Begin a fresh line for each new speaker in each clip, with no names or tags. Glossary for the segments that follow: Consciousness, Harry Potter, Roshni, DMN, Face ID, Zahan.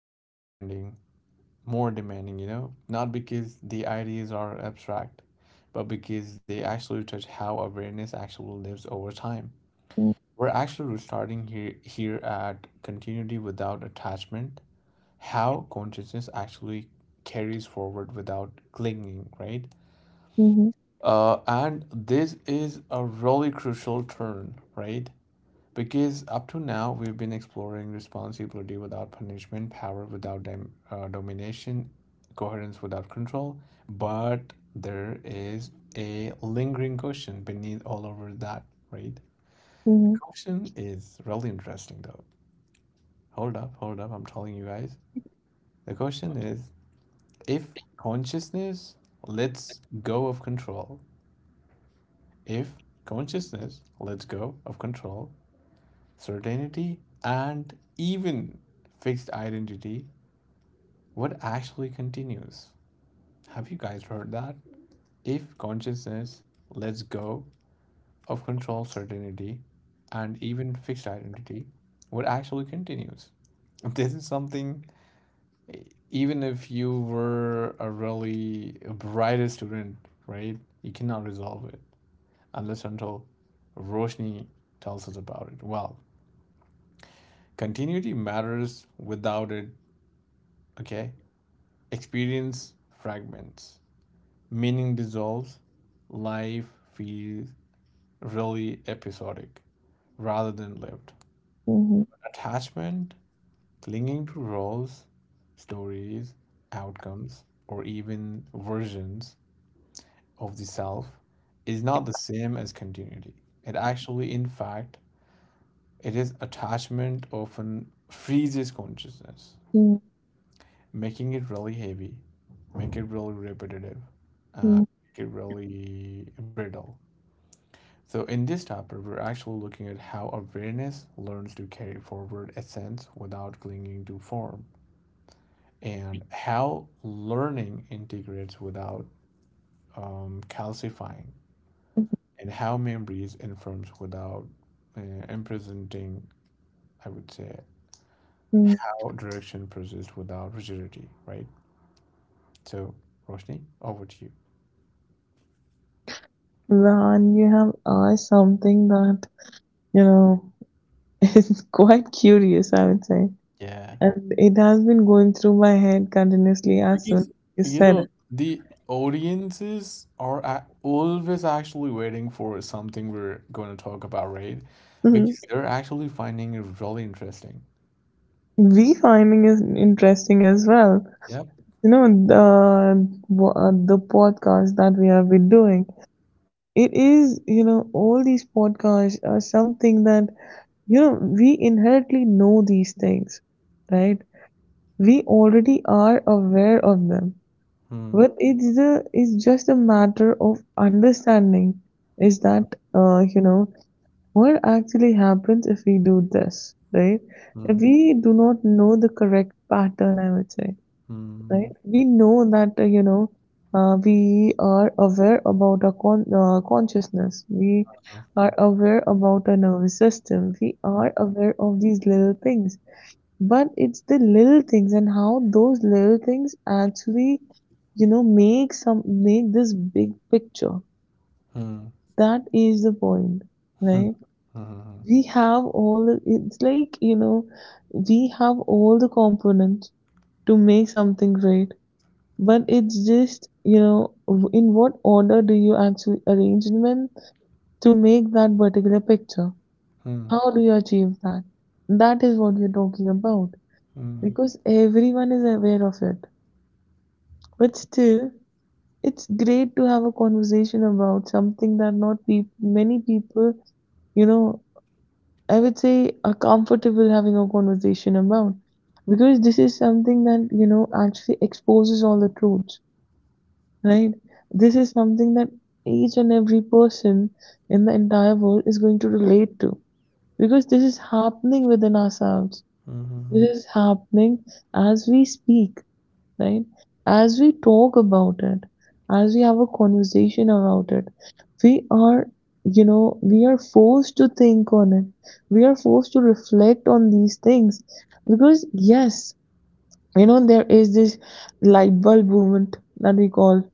more demanding. More demanding, not because the ideas are abstract, but because they actually touch how awareness actually lives over time.
嗯，
We're actually restarting here at continuity without attachment, how consciousness actually carries forward without clinging, right?
嗯哼，
And this is a really crucial turn, right? Because up to now, we've been exploring responsibility without punishment, power without domination, coherence without control. But there is a lingering question beneath all over that, right? The
嗯哼。
question is really interesting, though. Hold up, I'm telling you guys. The question is, if consciousness lets go of control, if consciousness lets go of control, certainty, and even fixed identity, what actually continues? Have you guys heard that? If consciousness lets go of control, certainty, and even fixed identity, what actually continues? This is something, even if you were a really brightest student, right? You cannot resolve it unless until Roshni tells us about it. Well, continuity matters without it, okay? Experience fragments, meaning dissolves, life feels really episodic rather than lived.
Mhm,
Attachment, clinging to roles, stories, outcomes, or even versions of the self is not the same as continuity. It actually, in fact, it is attachment often freezes consciousness,
mm,
making it really heavy, make it really repetitive, uh,
mm,
make it really brittle. So in this chapter, we're actually looking at how awareness learns to carry forward essence without clinging to form, and how learning integrates without calcifying, and how memories informs without uh, imprisoning, I would say,
mm.
how direction persists without rigidity, right? So, Roshni, over to you.
Rehan, you have asked something that, you know, is quite curious, I would say.
Yeah.
And it has been going through my head continuously as soon as
Because
you
you
said
know
it.
the audiences are a always actually waiting for something we're going to talk about, right?
Mhm.
Because they're actually finding it really interesting.
We finding is interesting as well.
Yep.
You know, the podcast that we have been doing. It is all these podcasts are something that we inherently know these things, right? We already are aware of them,
Hmm.
but it's just a matter of understanding. Is that uh, you know what actually happens if we do this, right?
Hmm.
If we do not know the correct pattern, I would say,
Hmm.
right? We know that, we are aware about our consciousness. We are aware about our nervous system. We are aware of these little things. But it's the little things and how those little things actually, make this big picture.
Hmm. Hmm.
That is the point,
Hmm.
right?
Hmm.
We have all the, it's like, you know, we have all the components to make something great, but it's just, in what order do you actually arrange them to make that particular picture? How do you achieve that? That is what we're talking about,
Hmm.
because everyone is aware of it. But still, it's great to have a conversation about something that not peop many people, you know, I would say, are comfortable having a conversation about, because this is something that, actually exposes all the truths, right? This is something that each and every person in the entire world is going to relate to because this is happening within ourselves.
Hmm. Hmm.
This is happening as we speak, right? As we talk about it, as we have a conversation about it, we are, we are forced to think on it. We are forced to reflect on these things because, yes, there is this light bulb movement that we call,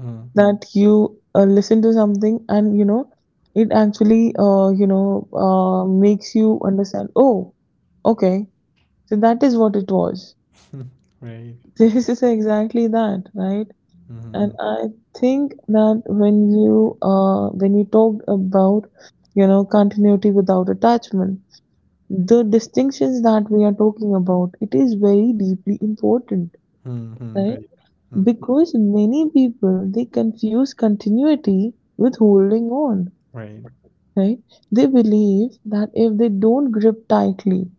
Hmm.
that you listen to something and it actually makes you understand, oh, okay, so that is what it was.
Right.
This is exactly that, right? And
Hmm.
I think that when you talked about continuity without attachment, the distinctions that we are talking about, it is very deeply important,
Hmm. Hmm.
right?
Right. Hmm.
Because many people, they confuse continuity with holding on,
Right.
right? They believe that if they don't grip tightly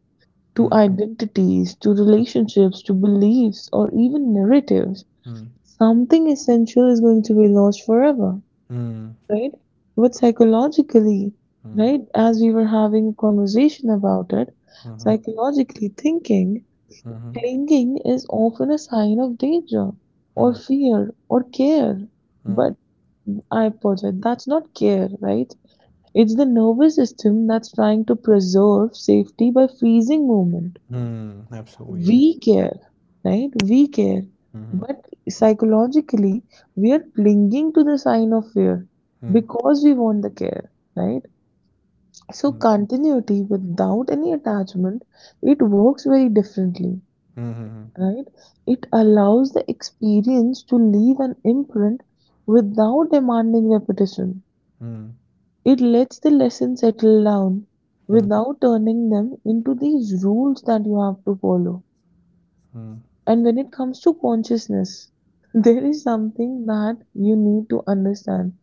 to
Hmm.
identities, to relationships, to beliefs, or even narratives,
Hmm.
something essential is going to be lost forever,
Hmm.
right? But psychologically,
Hmm.
right, as we were having a conversation about it,
Hmm.
psychologically thinking,
Hmm.
clinging is often a sign of danger or
Hmm.
fear or care.
Hmm.
But I project that's not care, right? It's the nervous system that's trying to preserve safety by freezing movement.
Mm, absolutely,
We
yes.
care, right? We care.
Mhm,
But psychologically, we are clinging to the sign of fear
mm,
because we want the care, right? So,
mm,
continuity without any attachment, it works very differently,
mhm,
right? It allows the experience to leave an imprint without demanding repetition.
mm,
It lets the lesson settle down
mm,
without turning them into these rules that you have to follow.
mm.
And when it comes to consciousness, there is something that you need to understand.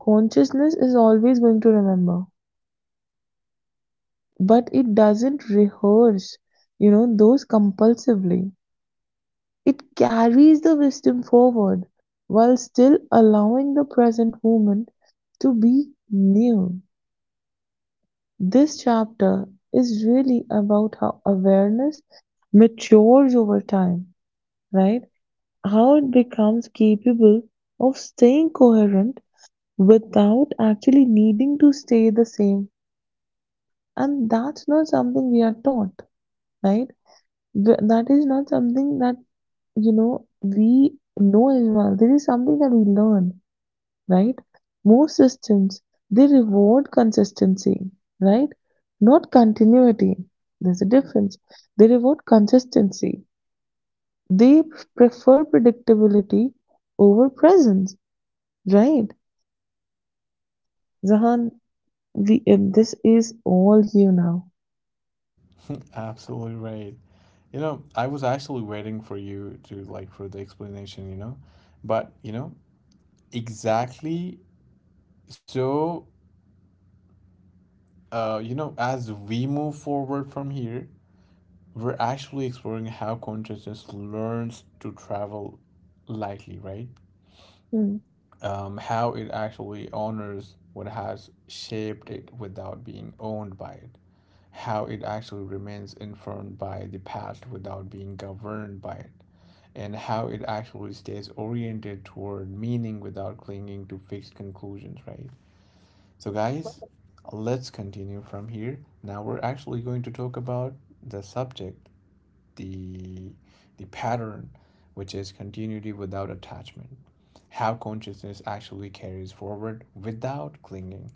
Consciousness is always going to remember, but it doesn't rehearse, those compulsively. It carries the wisdom forward while still allowing the present moment to be new. This chapter is really about how awareness matures over time, right? How it becomes capable of staying coherent without actually needing to stay the same. And that's not something we are taught, right? That is not something that, we know as well. This is something that we learn, right? Most systems, they reward consistency, right? Not continuity. There's a difference. They reward consistency. They prefer predictability over presence, right? Zahan, this is all you now.
Absolutely right. You know, I was actually waiting for you to like for the explanation, you know, but you know, exactly so, you know, as we move forward from here, we're actually exploring how consciousness learns to travel lightly, right?
Mhm.
How it actually honors what has shaped it without being owned by it, how it actually remains informed by the past without being governed by it, and how it actually stays oriented toward meaning without clinging to fixed conclusions, right? So, guys, let's continue from here. Now we're actually going to talk about the subject, the the pattern, which is continuity without attachment. How consciousness actually carries forward without clinging.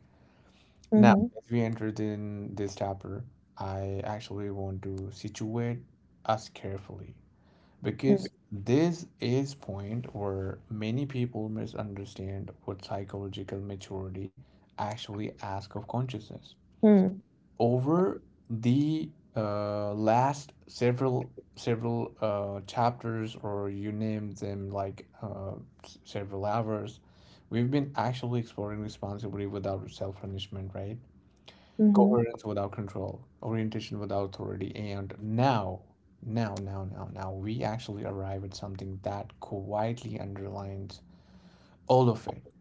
Now,
Mhm.
as we entered in this chapter, I actually want to situate us carefully
Mhm.
because this is point where many people misunderstand what psychological maturity actually asks of consciousness.
Mhm.
Over the last several chapters, or you name them like several hours, we've been actually exploring responsibility without self-punishment, right?
Mhm.
Coherence without control, orientation without authority, and now, we actually arrive at something that quietly underlines all of it.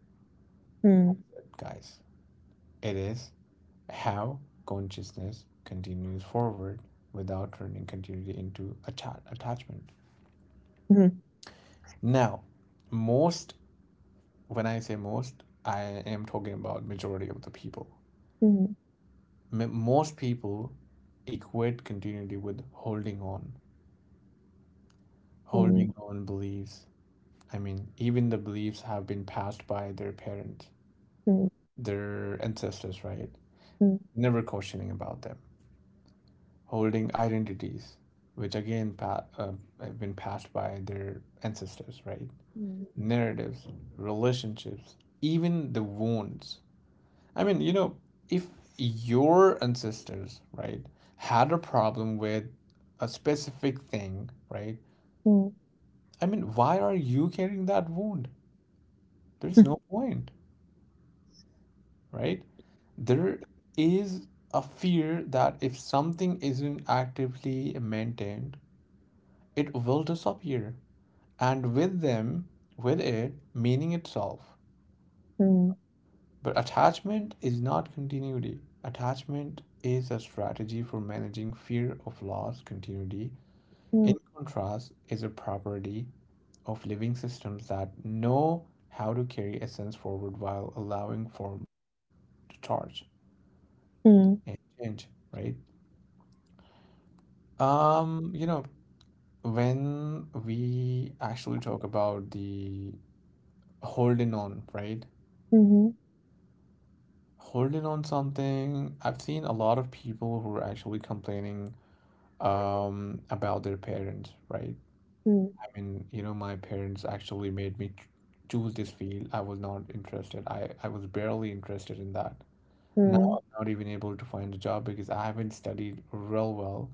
What is it, guys? It is how consciousness continues forward without turning continuity into attachment.
Mhm.
Now, most, when I say most, I am talking about majority of the people.
Mhm.
Most people equate continuity with holding on, holding
Mhm.
on beliefs. I mean, even the beliefs have been passed by their parents,
Mhm.
their ancestors, right?
Mhm.
Never questioning about them. Holding identities, which again have been passed by their ancestors, right? Narratives, relationships, even the wounds. I mean, you know, if your ancestors, right, had a problem with a specific thing, right?
Mhm.
I mean, why are you carrying that wound? There's no point, right? There is a fear that if something isn't actively maintained, it will disappear, and with them, with it, meaning itself.
Mhm.
But attachment is not continuity. Attachment is a strategy for managing fear of loss. Continuity, in
Mhm.
contrast, is a property of living systems that know how to carry essence forward while allowing form to charge and change, right? You know, when we actually talk about the holding on, right?
Mhm.
Holding on something, I've seen a lot of people who are actually complaining about their parents, right? I mean, you know, my parents actually made me choose this field. I was not interested. I was barely interested in that. Now
Mhm.
I'm not even able to find a job because I haven't studied real well,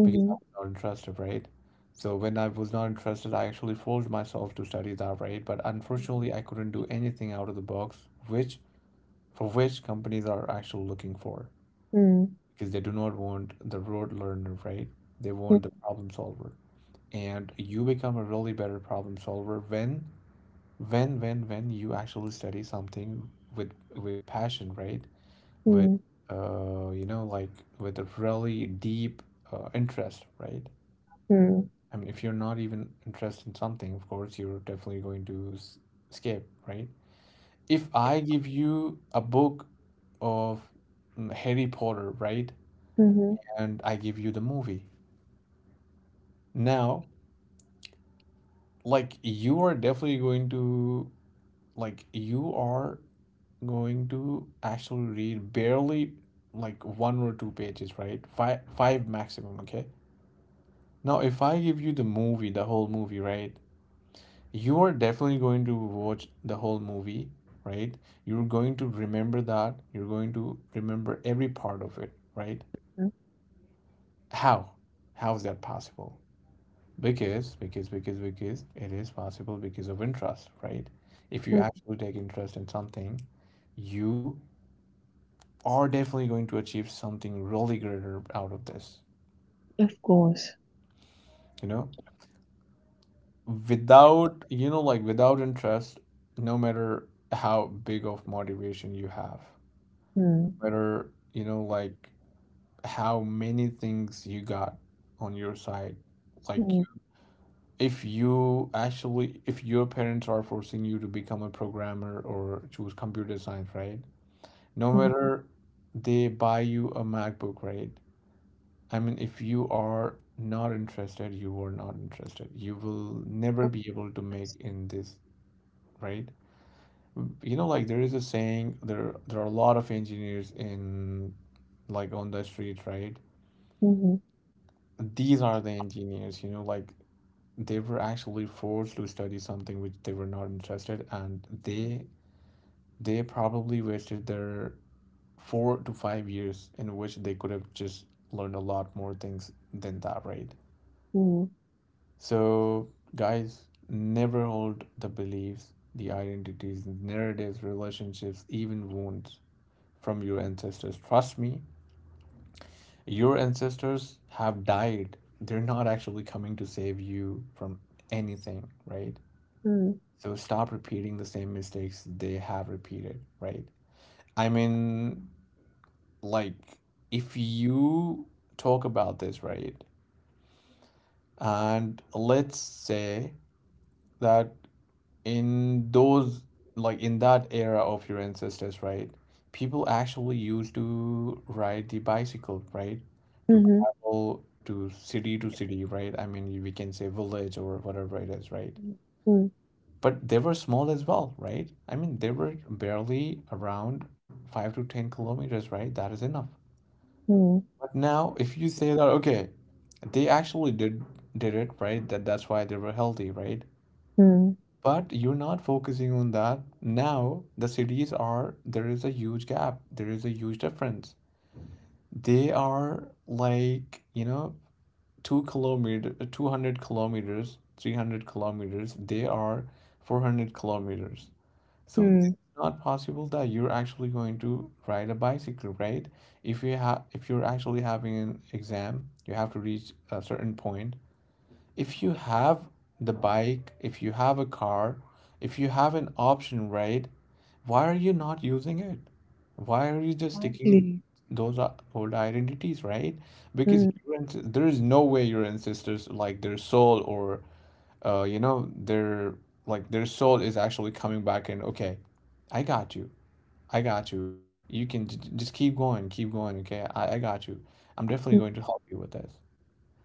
Mhm.
because I was
Mhm.
not interested, right? So when I was not interested, I actually forced myself to study that, right? But unfortunately, I couldn't do anything out of the box, which for which companies are actually looking for, because they do not want the rote learner, right? They want the
Mhm.
problem solver. And you become a really better problem solver when, when you actually study something with passion, right?
Mhm.
With
Mhm. Mhm.
uh, you know, like with a really deep interest, right?
Mhm.
I mean, if you're not even interested in something, of course, you're definitely going to skip, right? If I give you a book of Harry Potter, right?
Mhm. Mhm.
And I give you the movie. Now, like, you are definitely going to, like, you are going to actually read barely like one or two pages, right? Five, five maximum, okay? Now, if I give you the movie, the whole movie, right? You are definitely going to watch the whole movie, right? You're going to remember that. You're going to remember every part of it, right? How? How is that possible? Because, it is possible because of interest, right? If you
Mhm.
actually take interest in something, you are definitely going to achieve something really greater out of this,
Of course.
you know? Without, you know, like without interest, no matter how big of motivation you have,
Mm.
matter, you know, like how many things you got on your side. Like
Mm.
if you actually, if your parents are forcing you to become a programmer or choose computer science, right? No
Mm.
matter they buy you a MacBook, right? I mean, if you are not interested, you are not interested. You will never be able to make
Yes.
in this, right? You know, like there is a saying, there are a lot of engineers in like on the street, right?
Mhm.
These are the engineers, you know, like they were actually forced to study something which they were not interested, and they probably wasted their 4 to 5 years in which they could have just learned a lot more things than that, right?
Mm.
So guys, never hold the beliefs, the identities, narratives, relationships, even wounds from your ancestors. Trust me, your ancestors have died. They're not actually coming to save you from anything, right?
Mm.
So stop repeating the same mistakes they have repeated, right? I mean, like, if you talk about this, right? And let's say that in those, like in that era of your ancestors, right, people actually used to ride the bicycle, right, to
Mhm.
travel to city to city, right? I mean, we can say village or whatever it is, right?
Mm. Mm.
But they were small as well, right? I mean, they were barely around 5 to 10 kilometers, right? That is enough.
Mm.
But now if you say that, okay, they actually did it, right, that that's why they were healthy, right?
Mm.
But you're not focusing on that. Now, the cities are, there is a huge gap. There is a huge difference. They are like, you know, 2 kilometer, 200 kilometers, 300 kilometers. They are 400 kilometers. So it's
Mm.
not possible that you're actually going to ride a bicycle, right? If you have, if you're actually having an exam, you have to reach a certain point, if you have the bike, if you have a car, if you have an option, right? Why are you not using it? Why are you just sticking
Likely.
those old identities, right? Because
Mm.
your there is no way your ancestors, like their soul, or their like their soul is actually coming back and, okay, I got you. I got you. You can just keep going, okay? I got you. I'm definitely
Mm.
going to help you with this.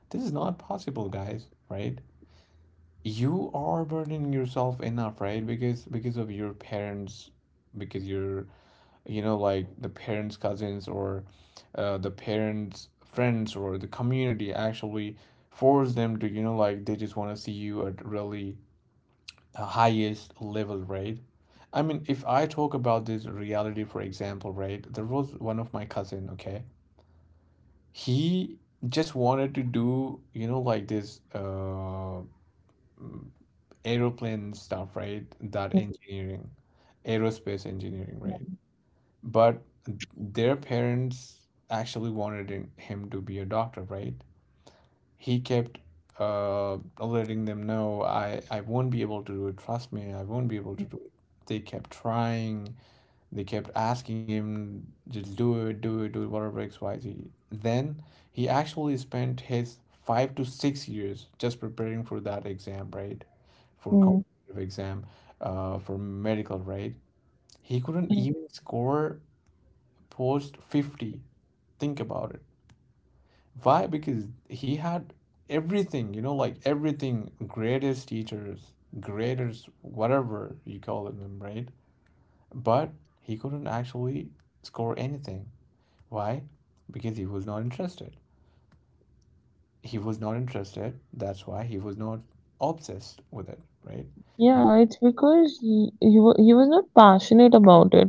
This is not possible, guys, right? You are burdening yourself enough, right? Because of your parents, because you're, you know, like the parents' cousins or the parents' friends or the community actually force them to, you know, like they just want to see you at really the highest level, right? I mean, if I talk about this reality, for example, right, there was one of my cousin. Okay, he just wanted to do, you know, like this aeroplane stuff, right? That
Mm.
engineering, aerospace engineering, right? But their parents actually wanted him to be a doctor, right? He kept letting them know, I won't be able to do it. Trust me, I won't be able to do it. They kept trying, they kept asking him, just do it, do it, do it, whatever XYZ. Then he actually spent his 5 to 6 years just preparing for that exam, right? For competitive exam, for medical, right? He couldn't
Mm.
even score post 50. Think about it. Why? Because he had everything, you know, like everything, greatest teachers, graders, whatever you call them, right? But he couldn't actually score anything. Why? Because he was not interested. He was not interested. That's why he was not obsessed with it, right? He,
Yeah, it's because he was not passionate about it.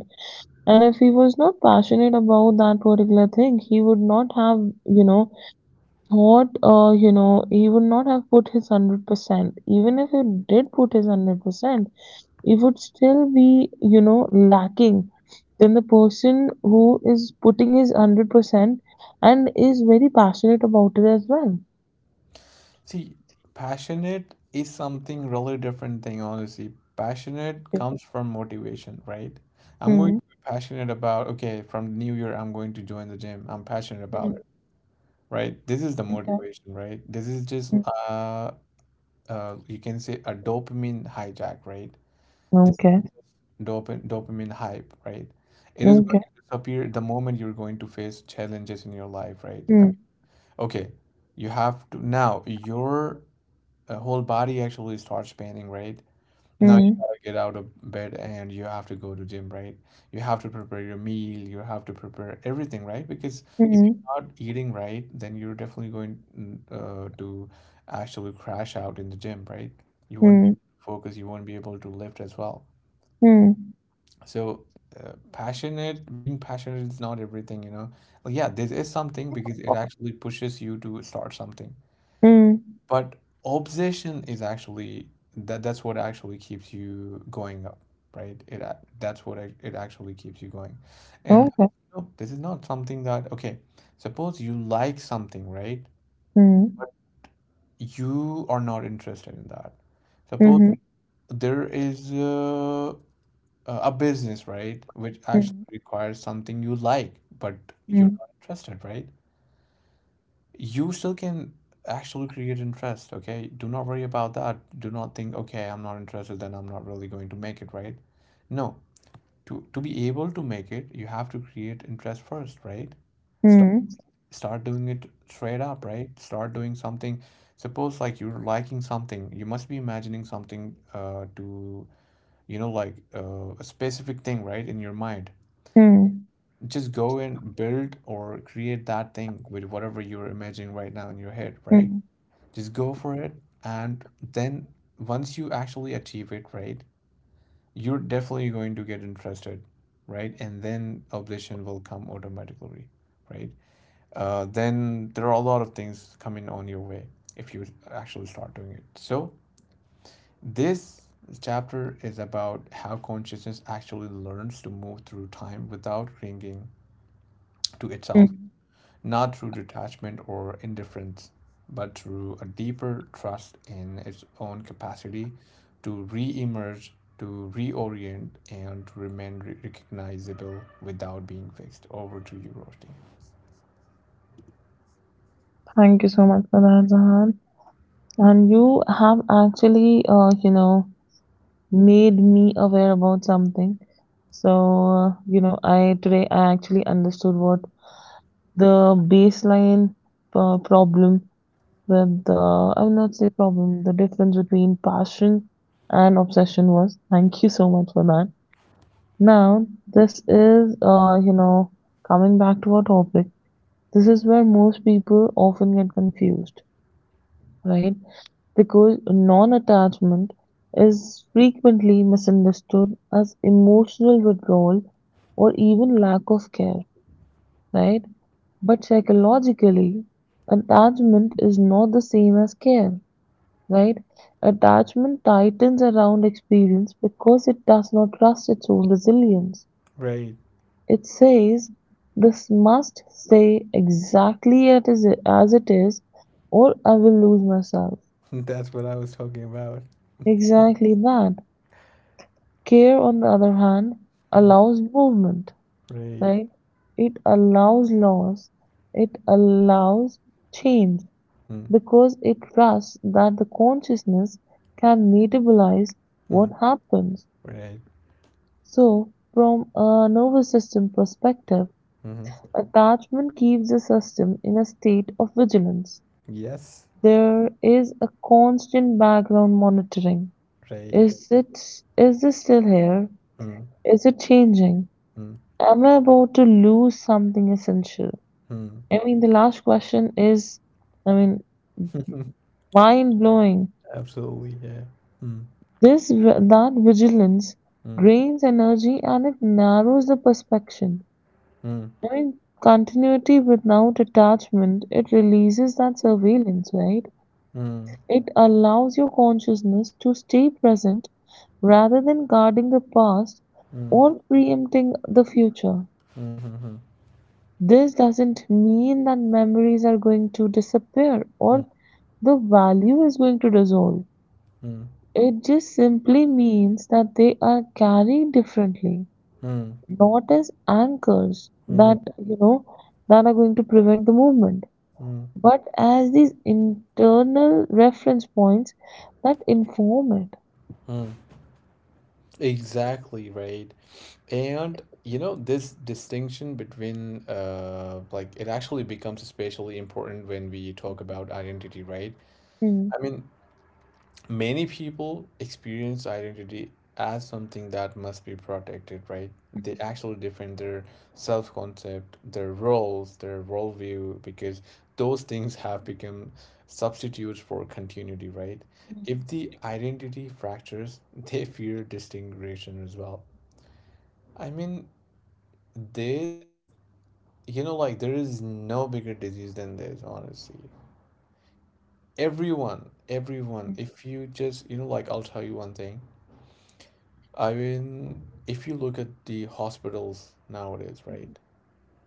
And if he was not passionate about that particular thing, he would not have, you know, put his 100%. Even if he did put his 100%, he would still be, lacking than the person who is putting his 100% and is very passionate about it as well.
see, passionate is something really different thing, honestly. Passionate
Okay.
comes from motivation, right? I'm going
Hmm.
to be passionate about, okay, from New Year, I'm going to join the gym. I'm passionate about
Hmm.
it, right? This is the
Okay.
motivation, right? This is just,
Hmm.
uh, you can say a dopamine hijack, right? This
Okay.
is just dopamine hype, right? It is going
Okay.
to disappear the moment you're going to face challenges in your life, right? I mean,
Hmm.
okay, you have to now your whole body actually starts paining, right? Now you
Hmm.
gotta get out of bed and you have to go to gym, right? You have to prepare your meal, you have to prepare everything, right? Because if you're
Hmm.
not eating right, then you're definitely going to actually crash out in the gym, right? You won't be
Mhm,
able to focus, you won't be able to lift as well.
mhm,
So, passionate, being passionate is not everything, you know. Like, yeah, this is something because it actually pushes you to start something.
mhm.
But obsession is actually that's what actually keeps you going up, right? It actually keeps you going. And
Okay.
you, this is not something that okay, suppose you like something, right?
Mhm,
But you are not interested in that. Suppose
mhm,
there is a business, right? Which
mhm,
actually requires something you like, but you're
mhm,
not interested, right? You still can actually create interest, okay? Do not worry about that. Do not think, okay, I'm not interested, then I'm not really going to make it, right? No, to be able to make it, you have to create interest first, right? Start
mhm,
Start doing it straight up, right? Start doing something. Suppose like you're liking something, you must be imagining something to, you know, like a specific thing, right, in your mind.
mhm,
Just go and build or create that thing with whatever you're imagining right now in your head, right?
mhm.
Just go for it. And then once you actually achieve it, right, you're definitely going to get interested, right? And then obsession will come automatically, right? Then there are a lot of things coming on your way if you actually start doing it. So this chapter is about how consciousness actually learns to move through time without clinging to itself,
Mm.
not through detachment or indifference, but through a deeper trust in its own capacity to re emerge, to reorient, and to remain recognizable without being fixed. Over to you, Roshni.
Thank you so much for that, Zahan. And you have actually, made me aware about something. So, I today I actually understood what the baseline problem. But the I will not say problem. The difference between passion and obsession was. Thank you so much for that. Now, this is coming back to our topic. This is where most people often get confused, right? Because non-attachment is frequently misunderstood as emotional withdrawal or even lack of care, right? But psychologically, attachment is not the same as care, right? Attachment tightens around experience because it does not trust its own resilience.
Right.
It says, this must stay exactly as it is, or I will lose myself.
That's what I was talking about.
Exactly that. Care, on the other hand,
Mm.
allows movement,
Right.
right? It allows loss, it allows change,
Mm.
because it trusts that the consciousness can metabolize
Mm.
what happens.
Right.
So, from a nervous system perspective,
Hmm.
attachment keeps the system in a state of vigilance.
Yes.
There is a constant background monitoring.
Right.
Is it is this still here?
Mm.
Is it changing?
Mm.
Am I about to lose something essential? I mean, the last question is, I mean,
Mm.
mind blowing.
Absolutely. Yeah. Mm.
This that vigilance
Mm.
drains energy and it narrows the perception.
Mm.
During continuity without attachment, it releases that surveillance, right?
Mm.
It allows your consciousness to stay present rather than guarding the past
Mm.
or preempting the future.
Mm. Mm.
This doesn't mean that memories are going to disappear
Mm.
or the value is going to dissolve.
Mm.
It just simply means that they are carried differently,
Mm,
not as anchors
mhm,
that are going to prevent the movement,
mm,
but as these internal reference points that inform it.
mm. Exactly, right. And you know, this distinction between like it actually becomes especially important when we talk about identity, right?
Hmm.
I mean, many people experience identity as something that must be protected, right? They
Mm-hmm.
actually defend their self concept, their roles, their worldview, because those things have become substitutes for continuity, right? If the identity fractures, they fear distinction as well. I mean, there's, you know, like there is no bigger disease than this, honestly. Everyone, everyone, if you just, you know, like I'll tell you one thing. I mean, if you look at the hospitals nowadays, right,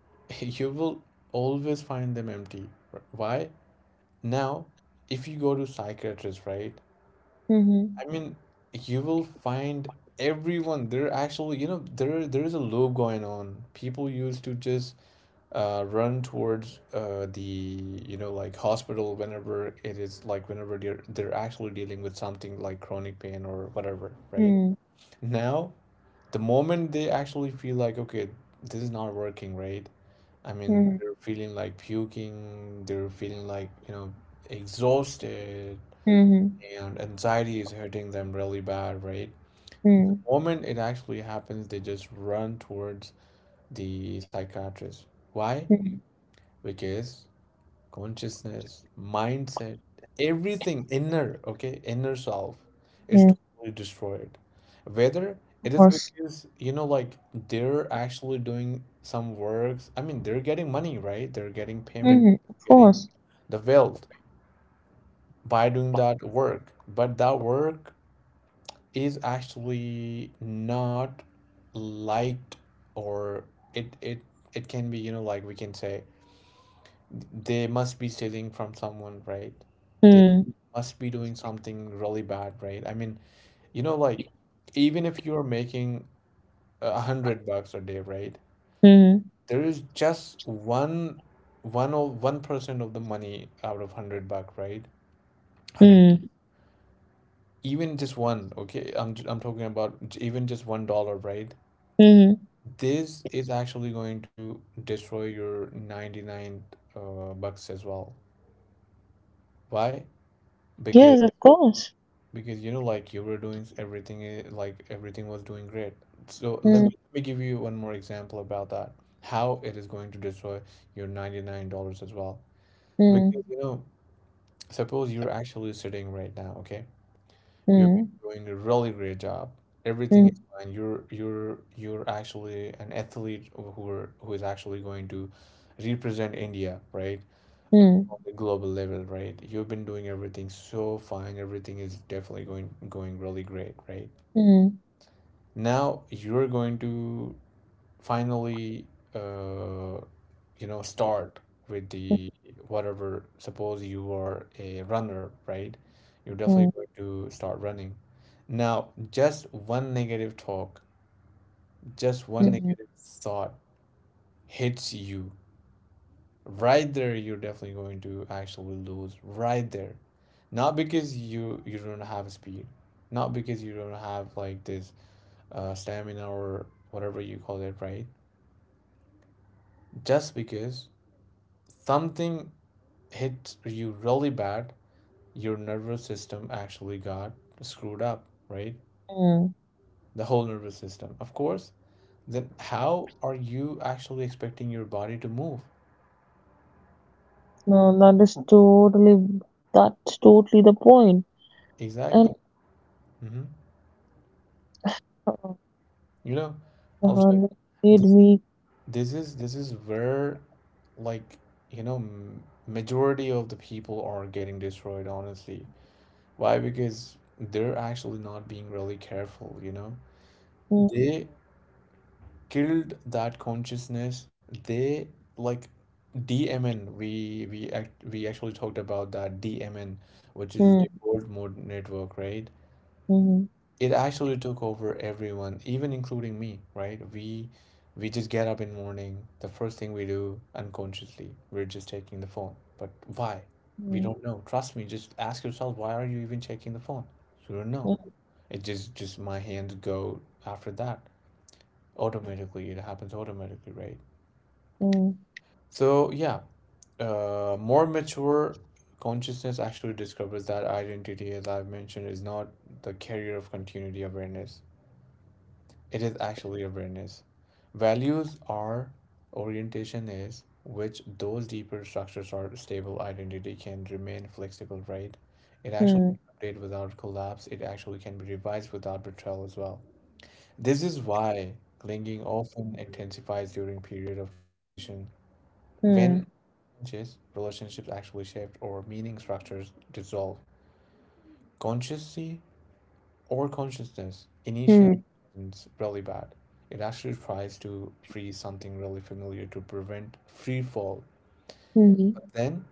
you will always find them empty. Why? Now, if you go to psychiatrists, right,
Mm-hmm.
I mean, you will find everyone. There actually, you know, there is a loop going on. People used to just run towards the, you know, like hospital whenever it is, like whenever they're actually dealing with something like chronic pain or whatever, right?
Mm-hmm.
Now the moment they actually feel like, okay, this is not working, right, I mean, they're feeling like puking, they're feeling like, you know, exhausted,
Mm-hmm.
and anxiety is hurting them really bad, right? The moment it actually happens, they just run towards the psychiatrist. Why? Because consciousness, mindset, everything inner, okay, inner self is
Mm-hmm.
totally destroyed. Whether it
Of
is
course.
because, you know, like they're actually doing some works, I mean, they're getting money, right? They're getting payment,
Mm-hmm. Of
getting
course.
the wealth by doing that work. But that work is actually not liked, or it it it can be, you know, like we can say they must be stealing from someone, right? They
Mm-hmm.
must be doing something really bad, right? I mean, you know, like even if you're making $100 a day, right?
Mm-hmm.
There is just one of 1% of the money out of 100 buck, right? Hundred, even just one, okay? I'm talking about even just $1, right?
Mm-hmm.
This is actually going to destroy your 99 bucks as well. Why? Because
Yes, of course.
Because you know, like you were doing everything, eh, like everything was doing great. So let
Mm-hmm.
me let me give you one more example about that. How it is going to destroy your $99 as well. Because you know, suppose you're actually sitting right now, okay? You've been
Mm-hmm.
doing a really great job. Everything is
Mm-hmm.
fine. You're actually an athlete who are, who is actually going to represent India, right? On the global level, right? You've been doing everything so fine. Everything is definitely going really great, right?
Mm-hmm.
Now you're going to finally, uh, you know, start with the whatever. Suppose you are a runner, right? You're definitely going to start running. Now just one negative talk, just one
Mm-hmm.
negative thought hits you right there. You're definitely going to actually lose right there, not because you don't have speed, not because you don't have like this stamina or whatever you call it, right? Just because something hit you really bad, your nervous system actually got screwed up, right? The whole nervous system. Of course, then how are you actually expecting your body to move?
No, that's totally the point. And
Exactly. Hmm.
uh,
You know, also,
uh, it made
this
me.
this is where, like, you know, majority of the people are getting destroyed, honestly. Why? Because they're actually not being really careful, you know.
Hmm.
They killed that consciousness. They, like, DMN, we actually talked about that DMN, which is
嗯
default mode network, right?
嗯
It actually took over everyone, even including me, right? We just get up in morning, the first thing we do unconsciously, we're just taking the phone. But why? We
嗯
don't know. Trust me, just ask yourself, why are you even checking the phone? You don't know.
嗯
It just, my hands go. After that, automatically, it happens automatically, right?
嗯
So, yeah, more mature consciousness actually discovers that identity, as I've mentioned, is not the carrier of continuity awareness. It is actually awareness. Values are, orientation is, which those deeper structures or stable identity can remain flexible, right? It actually
嗯
can update without collapse. It actually can be revised without betrayal as well. This is why clinging often intensifies during period of transition. When
嗯
conscious relationships actually shaped or meaning structures dissolve. Consciousness or consciousness
嗯
initially
嗯
is really bad. It actually tries to freeze something really familiar to prevent free fall.
嗯嗯。
Then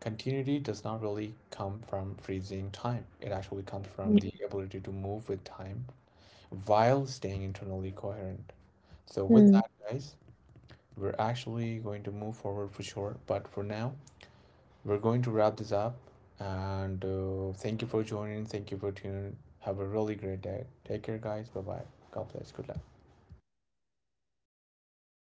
continuity does not really come from freezing time. It actually comes from the
嗯
ability to move with time while staying internally coherent. So with
嗯
that, guys, we're actually going to move forward for sure, but for now we're going to wrap this up. And thank you for joining. Thank you for tuning. Have a really great day. Take care, guys. Bye bye. God bless. Good luck.